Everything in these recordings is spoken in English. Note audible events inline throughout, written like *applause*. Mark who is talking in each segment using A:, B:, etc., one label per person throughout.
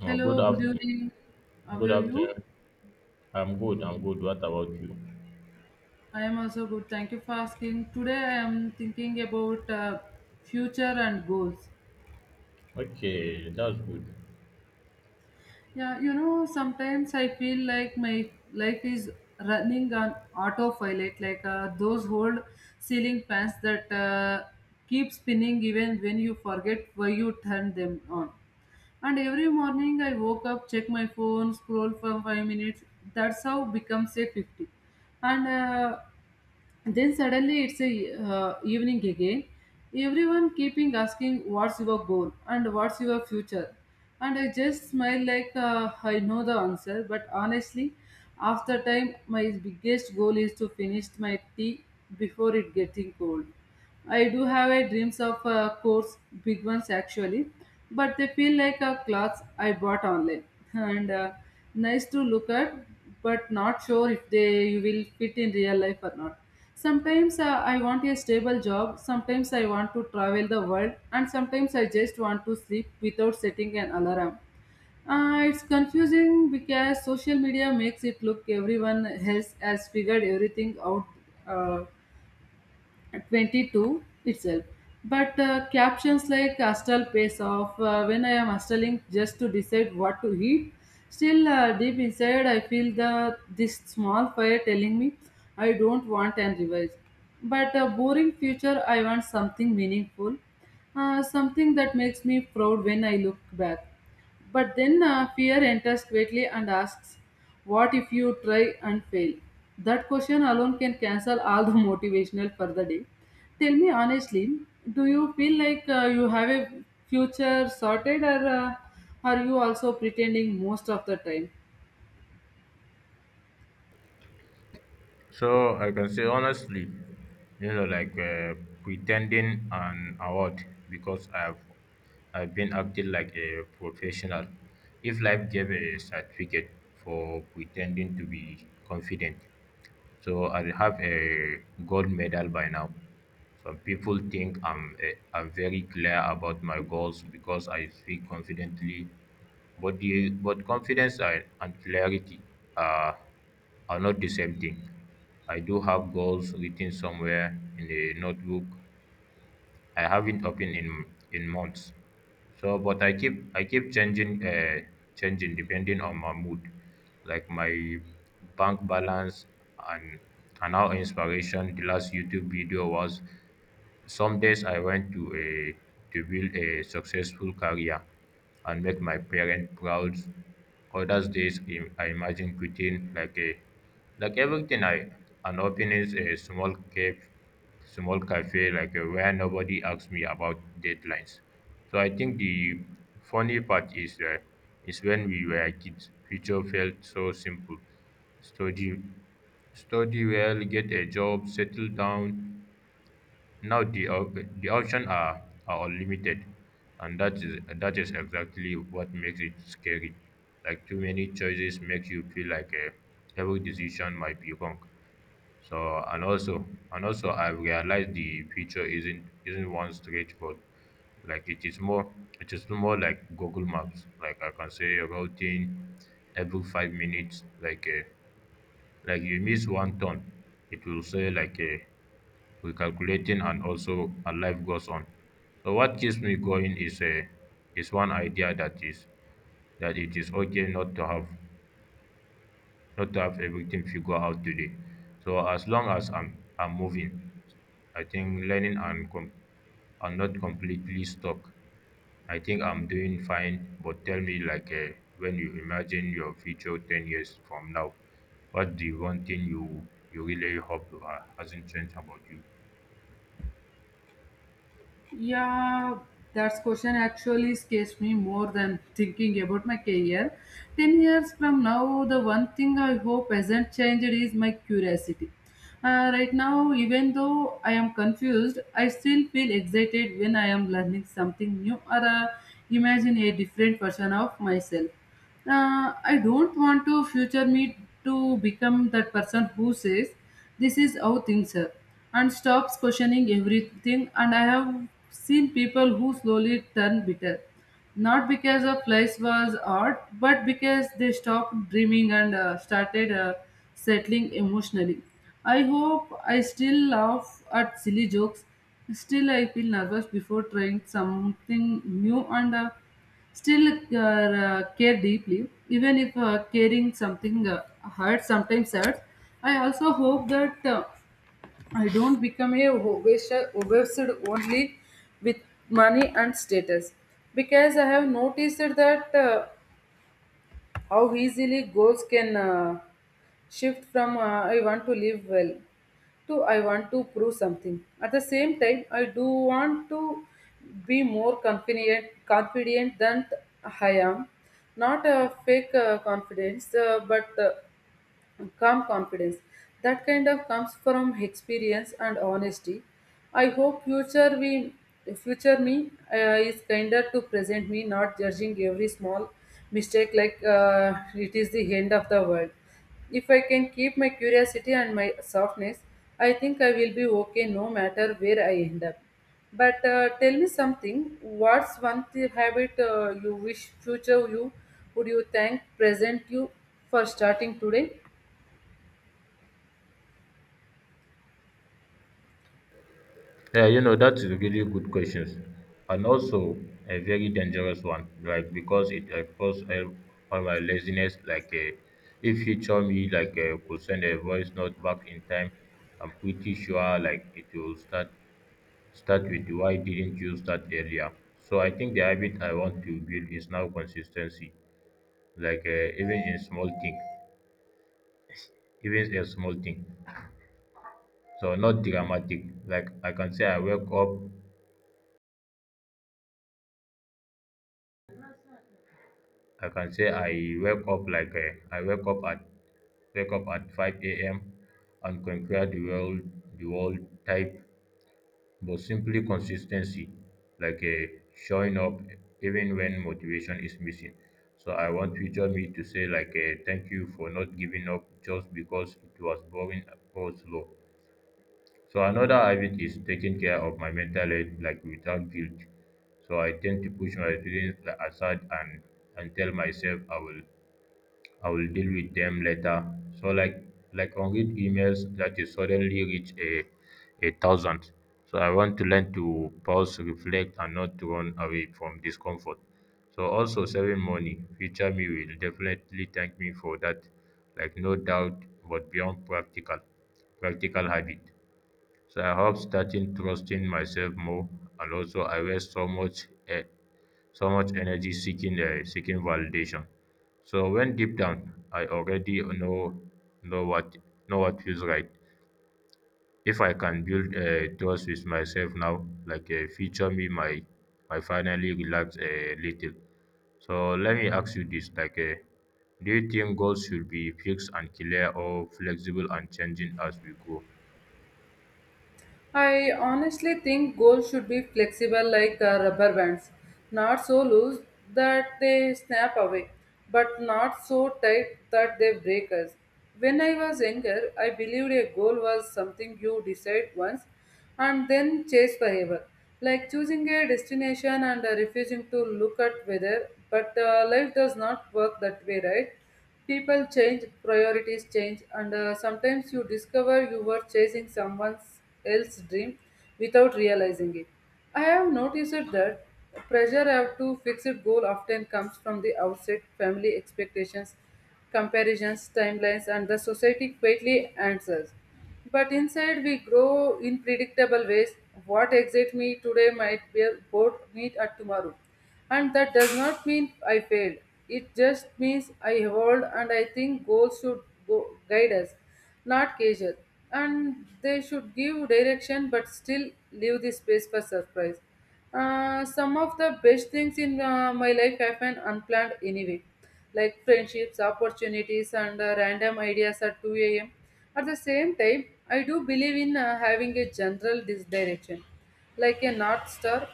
A: Hello,
B: Good
A: good
B: afternoon.
A: evening. How are
B: Good
A: you?
B: afternoon. I'm good. I'm good. What about you?
A: I am also good. Thank you for asking. Today I am thinking about future and goals.
B: Okay, that's good.
A: Sometimes I feel like my life is running on autopilot, like those old ceiling fans that keep spinning even when you forget why you turned them on. And every morning I woke up, check my phone, scroll for 5 minutes. That's how becomes a 50 and then suddenly it's a evening again. Everyone keeping asking what's your goal and what's your future, and I just smile like I know the answer. But honestly, after time, my biggest goal is to finish my tea before it getting cold. I do have a dreams of course, big ones actually, but they feel like a clothes I bought online and nice to look at, but not sure if they you will fit in real life or not. Sometimes I want a stable job, sometimes I want to travel the world, and sometimes I just want to sleep without setting an alarm. It's confusing because social media makes it look everyone else has figured everything out. Uh, 22 itself. But captions like Astral pays off when I am astling just to decide what to eat. Still, deep inside, I feel the this small fire telling me I don't want and revise. But a boring future, I want something meaningful, something that makes me proud when I look back. But then fear enters quickly and asks, what if you try and fail? That question alone can cancel all the *laughs* motivational for the day. Tell me honestly, do you feel like you have a future sorted or are you also pretending most of the time?
B: So I can say honestly, you know, pretending an award because I've been acting like a professional. If life gave a certificate for pretending to be confident, so I have a gold medal by now. Some people think I'm very clear about my goals because I speak confidently, but the but confidence and clarity are are not the same thing. I do have goals written somewhere in a notebook I haven't opened in months. So, but I keep changing changing depending on my mood, like my bank balance and and how inspiration the last YouTube video was. Some days I want to build a successful career and make my parents proud. Others days I imagine quitting like a like everything I and opening a small cafe like a, where nobody asks me about deadlines. So I think the funny part is when we were kids, future felt so simple. Study, study well, get a job, settle down, now the options are unlimited, and that is exactly what makes it scary. Like too many choices makes you feel like every decision might be wrong. So and also I have realized the future isn't one straight road. Like it is more like Google Maps. Like I can say a routine every 5 minutes. Like you miss one turn, it will say like a recalculating, and also a life goes on. So what keeps me going is a is one idea that it is okay not to have everything figured out today. So as long as I'm moving, I think learning and I'm not completely stuck. I think I'm doing fine, but tell me like when you imagine your future 10 years from now, what the one thing you really hope hasn't changed about you?
A: Yeah, that question actually scares me more than thinking about my career. 10 years from now, the one thing I hope hasn't changed is my curiosity. Right now, even though I am confused, I still feel excited when I am learning something new or imagine a different version of myself. I don't want to future me to become that person who says this is how things are and stops questioning everything. And I have seen people who slowly turn bitter, not because a place was art, but because they stopped dreaming and started settling emotionally. I hope I still laugh at silly jokes. Still, I feel nervous before trying something new and still care deeply, even if caring something sometimes hurts. I also hope that I don't become a obsessed only with money and status, because I have noticed that how easily goals can shift from I want to live well to I want to prove something. At the same time, I do want to be more confident, confident than I am. Not a fake confidence, but and calm confidence that kind of comes from experience and honesty. I hope future me is kinder to present me, not judging every small mistake like it is the end of the world. If I can keep my curiosity and my softness, I think I will be okay no matter where I end up. But tell me something, what's one habit you wish future you would, you thank present you for starting today?
B: Yeah, you know, that's a really good questions and also a very dangerous one, like because it exposes all my laziness, like if you tell me like could send a voice note back in time, I'm pretty sure like it will start with why didn't you start earlier? So I think the habit I want to build is now consistency, like even in small thing, even a small thing. So not dramatic. Like I can say I wake up like a I wake up at 5 a.m. and conquer the world the world type, but simply consistency, like a showing up even when motivation is missing. So I want future me to say like a thank you for not giving up just because it was boring or slow. So another habit is taking care of my mental health like without guilt. So I tend to push my feelings aside and tell myself I will deal with them later. So like unread emails that is suddenly reach a thousand. So I want to learn to pause, reflect, and not to run away from discomfort. So also saving money, future me will definitely thank me for that, like no doubt, but beyond practical habit. So I hope starting trusting myself more, and also I waste so much so much energy seeking seeking validation. So when deep down I already know what know what feels right. If I can build trust with myself now, like feature me my finally relax a little. So let me ask you this: do you think goals should be fixed and clear, or flexible and changing as we go?
A: I honestly think goals should be flexible like rubber bands, not so loose that they snap away, but not so tight that they break us. When I was younger, I believed a goal was something you decide once and then chase forever, like choosing a destination and refusing to look at weather. But life does not work that way, right? People change, priorities change, and sometimes you discover you were chasing someone else's dream without realizing it. I have noticed that pressure have to fix it goal often comes from the outset, family expectations, comparisons, timelines, and the society quietly answers. But inside, we grow in predictable ways. What excites me today might be bored me at tomorrow. And that does not mean I failed. It just means I evolved, and I think goals should go guide us, not cage us. And they should give direction but still leave the space for surprise. Some of the best things in my life happen unplanned anyway, like friendships, opportunities, and random ideas at 2 a.m. At the same time, I do believe in having a general direction, like a north star,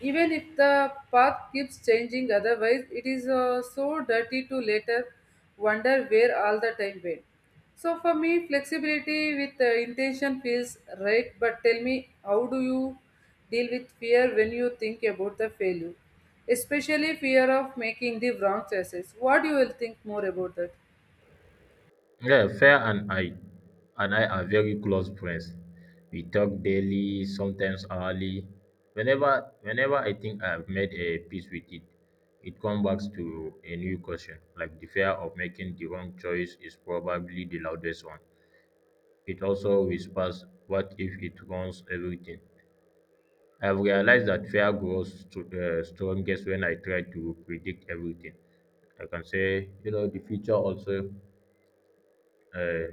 A: even if the path keeps changing. Otherwise, it is so dirty to later wonder where all the time went. So, for me, flexibility with intention feels right, but tell me, how do you deal with fear when you think about the failure? Especially fear of making the wrong choices. What you will think more about that?
B: Yeah, Fair and I are very close friends. We talk daily, sometimes hourly. Whenever I think I've made a peace with it, it comes back to a new question. Like the fear of making the wrong choice is probably the loudest one. It also whispers, what if it ruins everything? I've realized that fear grows to the strongest when I try to predict everything. I can say, you know, the future also uh,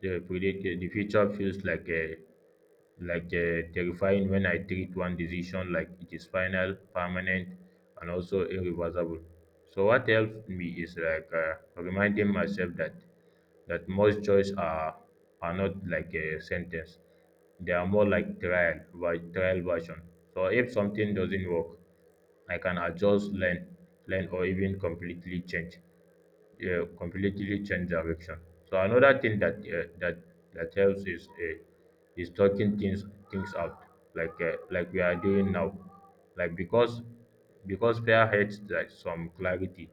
B: the predicted. The future feels like a terrifying when I treat one decision like it is final, permanent, and also irreversible. So what helps me is like reminding myself that most choices are not like a sentence; they are more like trial, by trial version. So if something doesn't work, I can adjust, learn, or even completely change yeah, completely change direction. So another thing that that helps is talking things out, like we are doing now, like because fair hates like some clarity.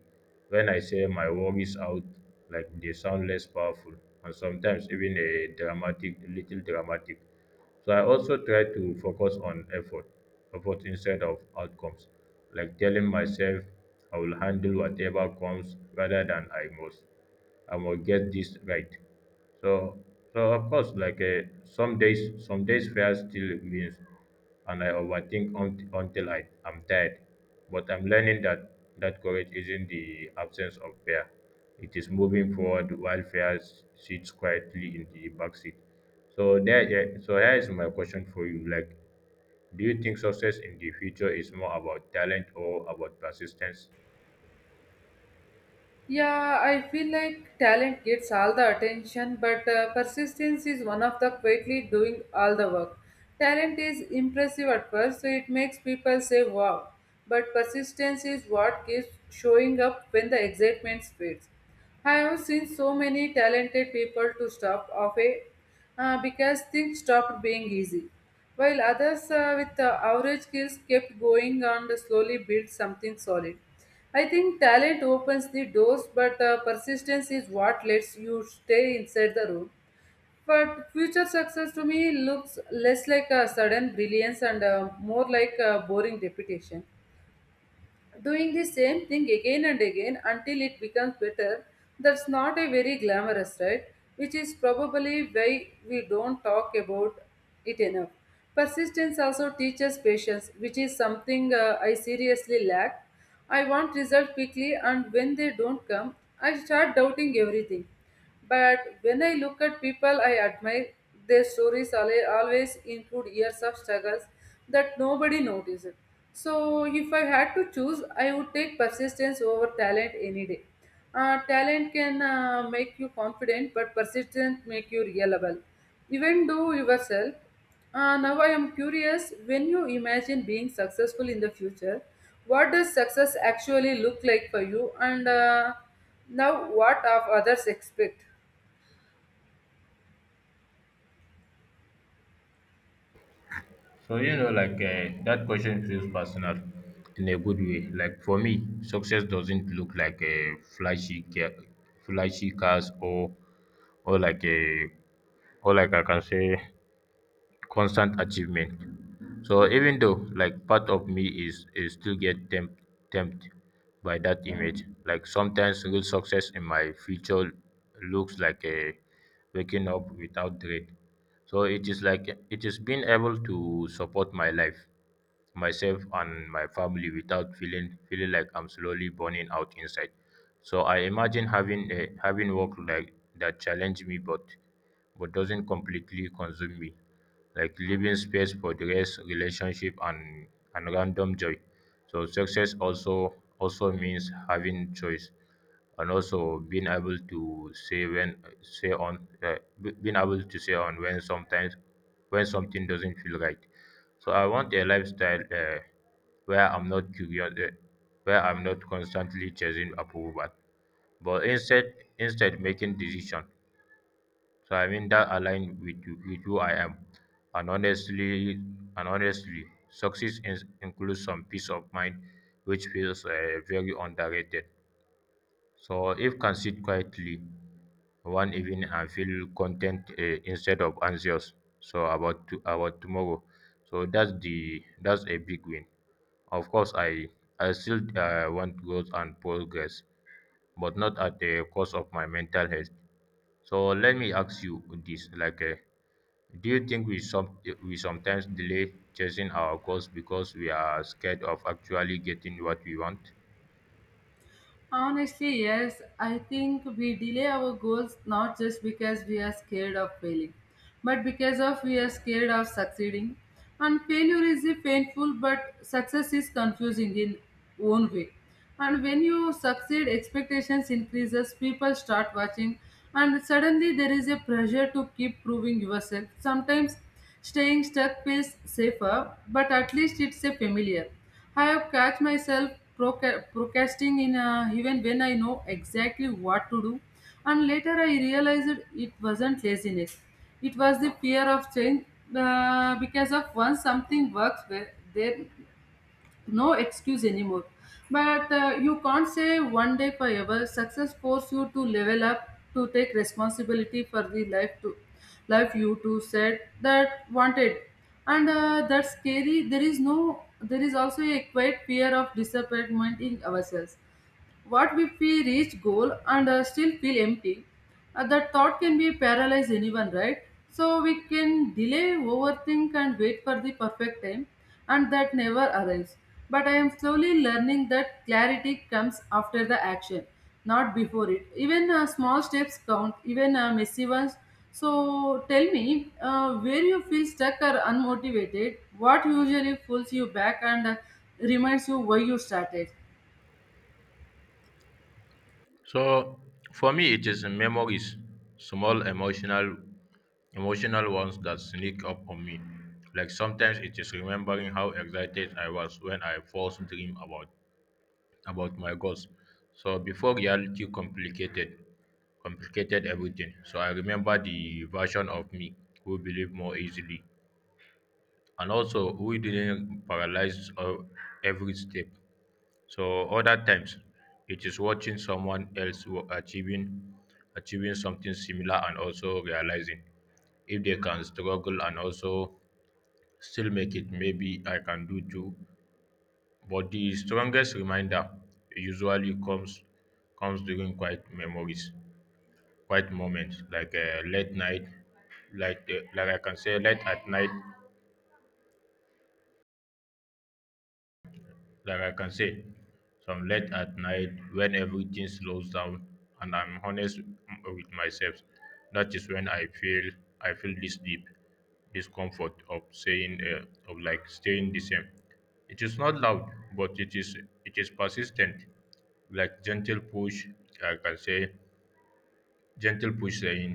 B: When I say my worries out, like they sound less powerful and sometimes even a little dramatic. So I also try to focus on effort instead of outcomes, like telling myself I will handle whatever comes rather than I must get this right. So, so of course, like some days fear still means, and I overthink until I am tired. But I'm learning that courage isn't the absence of fear; it is moving forward while fear sits quietly in the backseat. So there, yeah, so here is my question for you. Like, do you think success in the future is more about talent or about persistence?
A: Yeah, I feel like talent gets all the attention, but persistence is one of the quietly doing all the work. Talent is impressive at first, so it makes people say wow. But persistence is what keeps showing up when the excitement fades. I have seen so many talented people to stop off a because things stopped being easy, while others with average skills kept going and slowly built something solid. I think talent opens the doors, but persistence is what lets you stay inside the room. But future success to me looks less like a sudden brilliance and more like a boring repetition, doing the same thing again and again until it becomes better. That's not a very glamorous, right? Which is probably why we don't talk about it enough. Persistence also teaches patience, which is something I seriously lack. I want results quickly, and when they don't come, I start doubting everything. But when I look at people I admire, their stories always include years of struggles that nobody notices. So, if I had to choose, I would take persistence over talent any day. Talent can make you confident, but persistence make you reliable. Even though yourself. Now I am curious. When you imagine being successful in the future, what does success actually look like for you? And now, what of others expect?
B: So you know, like that question feels personal in a good way. Like for me, success doesn't look like a flashy cars or like a or like I can say constant achievement. So even though like part of me is still get tempted by that image, like sometimes real success in my future looks like a waking up without dread. So it is like it is being able to support my life myself and my family without feeling like I'm slowly burning out inside. So I imagine having a having work like that challenge me but doesn't completely consume me. Like leaving space for the rest, relationship and random joy. So success also means having choice and also being able to say when being able to say on when sometimes when something doesn't feel right. So I want a lifestyle where I'm not curious, where I'm not constantly chasing approval, but instead making decisions. So I mean that align with with who I am, and honestly, and honestly, success in, includes some peace of mind, which feels very underrated. So if can sit quietly one evening I feel content instead of anxious. So about tomorrow. So that's a big win. Of course, I still want growth and progress, but not at the cost of my mental health. So let me ask you this: like, do you think we some we sometimes delay chasing our goals because we are scared of actually getting what we want?
A: Honestly, yes, I think we delay our goals not just because we are scared of failing, but because of we are scared of succeeding. And failure is a painful, but success is confusing in own way. And when you succeed, expectations increases, people start watching, and suddenly there is a pressure to keep proving yourself. Sometimes staying stuck feels safer, but at least it's a familiar. I have catch myself procrastinating in even when I know exactly what to do, and later I realized it wasn't laziness. It was the fear of change because of once something works well, then no excuse anymore. But you can't say one day forever. Success forces you to level up, to take responsibility for the life to life you to set that wanted, and that's scary. There is no. There is also a quiet fear of disappointment in ourselves. What if we reach goal and still feel empty? That thought can be paralyze anyone, right? So we can delay, overthink, and wait for the perfect time, and that never arrives. But I am slowly learning that clarity comes after the action, not before it. Even small steps count, even messy ones. So tell me, where you feel stuck or unmotivated? What usually pulls you back and reminds you why you started?
B: So for me, it is memories, small emotional ones that sneak up on me. Like sometimes it is remembering how excited I was when I first dream about my goals. So before reality complicated everything. So I remember the version of me who believed more easily and also who didn't paralyze every step. So other times it is watching someone else achieving achieving something similar and also realizing if they can struggle and also still make it, maybe I can do too. But the strongest reminder usually comes during quiet memories, quiet moments like late night, like I can say late at night like I can say, some late at night when everything slows down and I'm honest with myself. That is when I feel this deep discomfort of saying of like staying the same. It is not loud, but it is persistent, like gentle push. I can say gentle push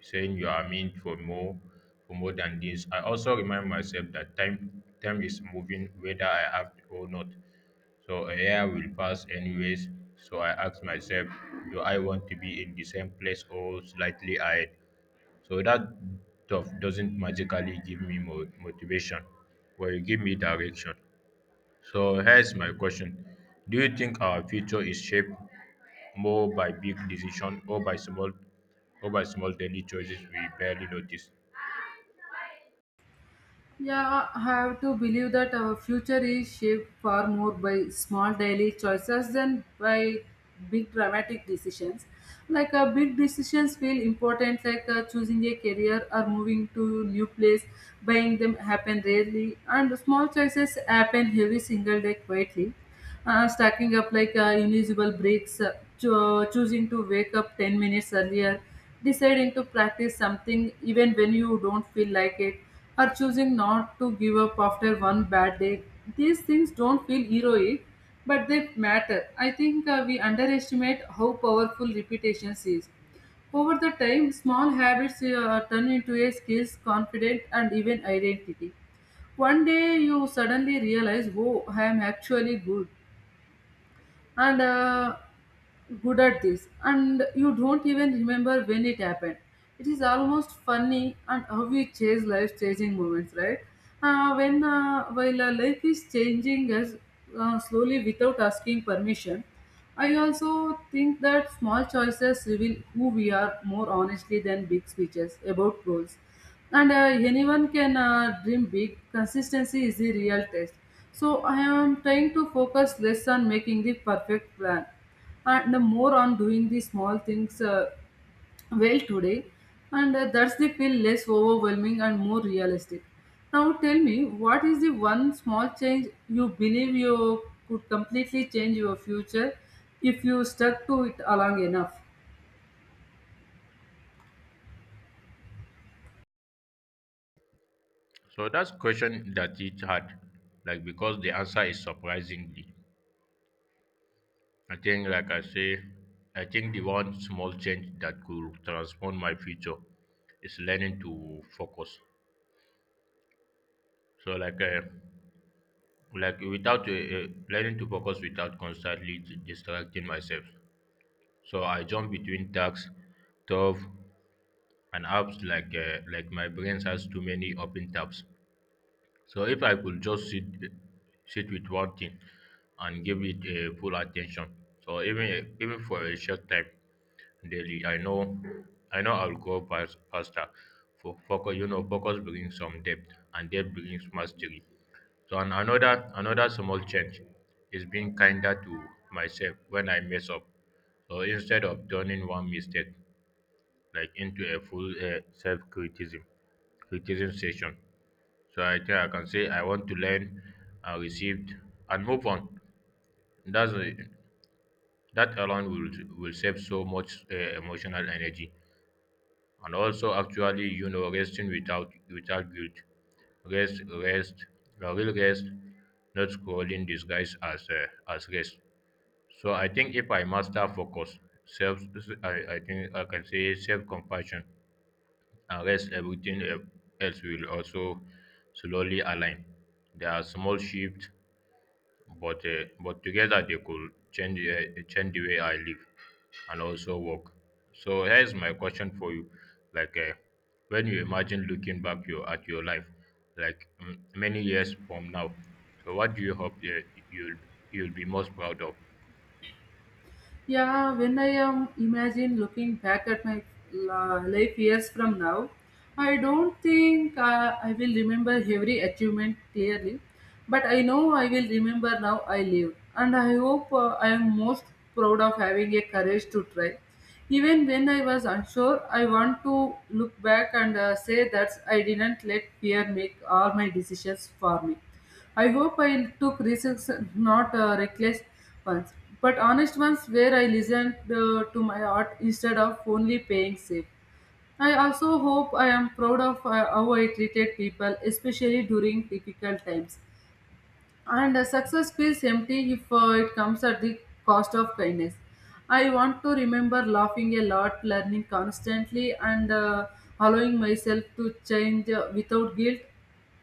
B: saying you are meant for more than this. I also remind myself that time time is moving whether I act or not, so a year will pass anyways. So I ask myself, do I want to be in the same place or slightly ahead? So that stuff doesn't magically give me motivation, but it give me direction. So here's my question: Do you think our future is shaped more by big decision or by small daily choices we barely notice?
A: Yeah, I have to believe that our future is shaped far more by small daily choices than by big dramatic decisions. Like big decisions feel important, like choosing a career or moving to new place. Buying them happen rarely, and small choices happen every single day quietly, stacking up like invisible breaks, choosing to wake up 10 minutes earlier, deciding to practice something even when you don't feel like it, or choosing not to give up after one bad day. These things don't feel heroic, but they matter. I think we underestimate how powerful repetition is. Over the time, small habits turn into a skills, confidence, and even identity. One day you suddenly realize, oh, I am actually good and good at this, and you don't even remember when it happened. It is almost funny, and how we chase life changing moments, right? Uh, when uh, while uh, life is changing us slowly without asking permission. I also think that small choices reveal who we are more honestly than big speeches about goals, and anyone can dream big. Consistency is the real test. So I am trying to focus less on making the perfect plan and the more on doing the small things well today, and that's the feel less overwhelming and more realistic. Now tell me, what is the one small change you believe you could completely change your future if you stuck to it long enough?
B: So that's question that it had, like because the answer is surprisingly. I think, like I say, I think the one small change that could transform my future is learning to focus. So, like without learning to focus without constantly distracting myself. So I jump between tasks, tabs, and apps like my brain has too many open tabs. So if I could just sit with one thing and give it a full attention, so even for a short time daily, I know I'll go past, faster. For focus, you know, focus brings some depth, and depth brings mastery. So and another small change is being kinder to myself when I mess up. So instead of turning one mistake like into a full self-criticism criticism session. So I think I can say I want to learn and received and move on. That's a, that alone will save so much emotional energy, and also actually you know resting without without guilt. Rest, rest, a real rest, not scrolling disguise as rest. So I think if I master focus, self, I think I can say self compassion and rest, everything else will also slowly align. There are small shifts, but together they could change change the way I live and also work. So here's my question for you: like, when you imagine looking back your at your life, like mm, many years from now, so what do you hope you'll you'll be most proud of?
A: Yeah, when I am imagine looking back at my life years from now, I don't think I will remember every achievement clearly, but I know I will remember now I lived, and I hope I am most proud of having a courage to try. Even when I was unsure, I want to look back and say that I didn't let fear make all my decisions for me. I hope I took risks, not reckless ones, but honest ones where I listened to my art instead of only paying safe. I also hope I am proud of how I treated people, especially during difficult times. And success feels empty if it comes at the cost of kindness. I want to remember laughing a lot, learning constantly, and allowing myself to change without guilt,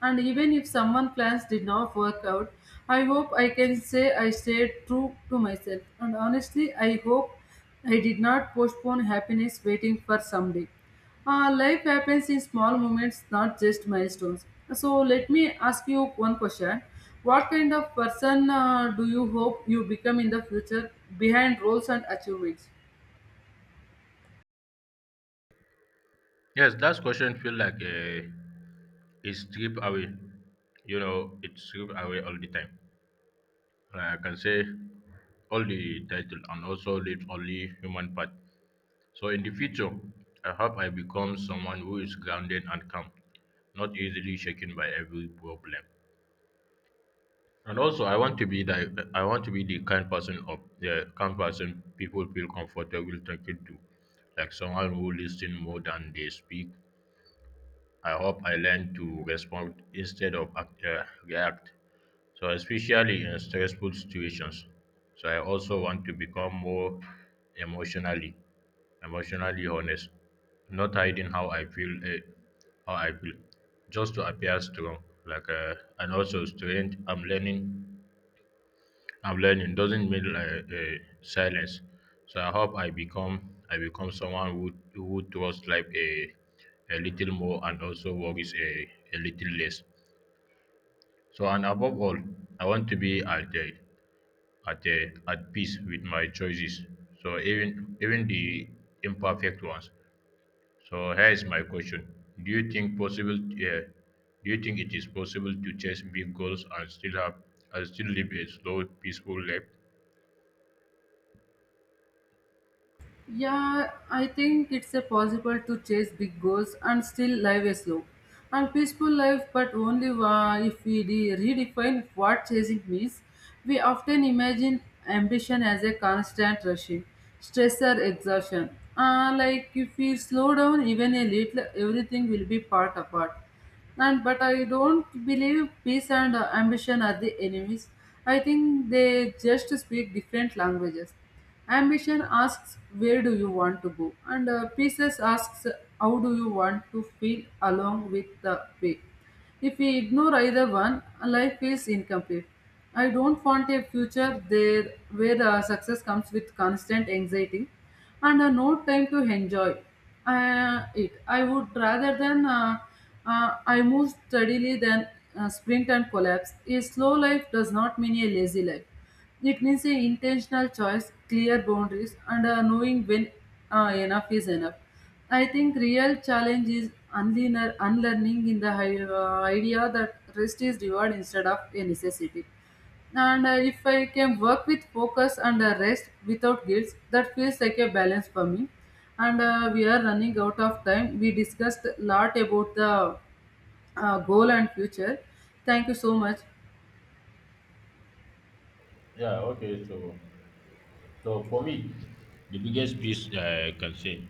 A: and even if someone plans did not work out, I hope I can say I stayed true to myself. And honestly, I hope I did not postpone happiness waiting for someday. Life happens in small moments, not just milestones. So let me ask you one question. What kind of person do you hope you become in the future behind roles and achievements?
B: Yes, that question feel like it's stripped away. You know, it's stripped away all the time. Like I can say all the title and also leave only human part. So in the future, I hope I become someone who is grounded and calm, not easily shaken by every problem. And also, I want to be the kind person people feel comfortable talking to, like someone who listens more than they speak. I hope I learn to respond instead of act, react. So, especially in stressful situations. So, I also want to become more emotionally, emotionally honest, not hiding how I feel, how I feel, just to appear strong. Like, and also strength. I'm learning doesn't mean like silence. So I hope I become someone who trusts life a little more and also worries a little less. So and above all, I want to be at the at a, at peace with my choices. So even the imperfect ones. So here is my question: Do you think possible? Uh, do you think it is possible to chase big goals and still have and still live a slow, peaceful life?
A: Yeah, I think it's a possible to chase big goals and still live a slow and peaceful life, but only if we redefine what chasing means. We often imagine ambition as a constant rushing, stress or exhaustion. Like if we slow down even a little, everything will be part apart, and but I don't believe peace and ambition are the enemies. I think they just speak different languages. Ambition asks where do you want to go, and peace asks how do you want to feel along with the way. If we ignore either one, life feels incomplete. I don't want a future there where success comes with constant anxiety and no time to enjoy it. I would rather than I move steadily than sprint and collapse. A slow life does not mean a lazy life. It means a intentional choice, clear boundaries, and knowing when enough is enough. I think real challenge is unlearning in the idea that rest is reward instead of a necessity. And if I can work with focus and rest without guilt, that feels like a balance for me. And we are running out of time. We discussed a lot about the goal and future. Thank you so much.
B: Yeah. Okay. So so for me, the biggest peace I can say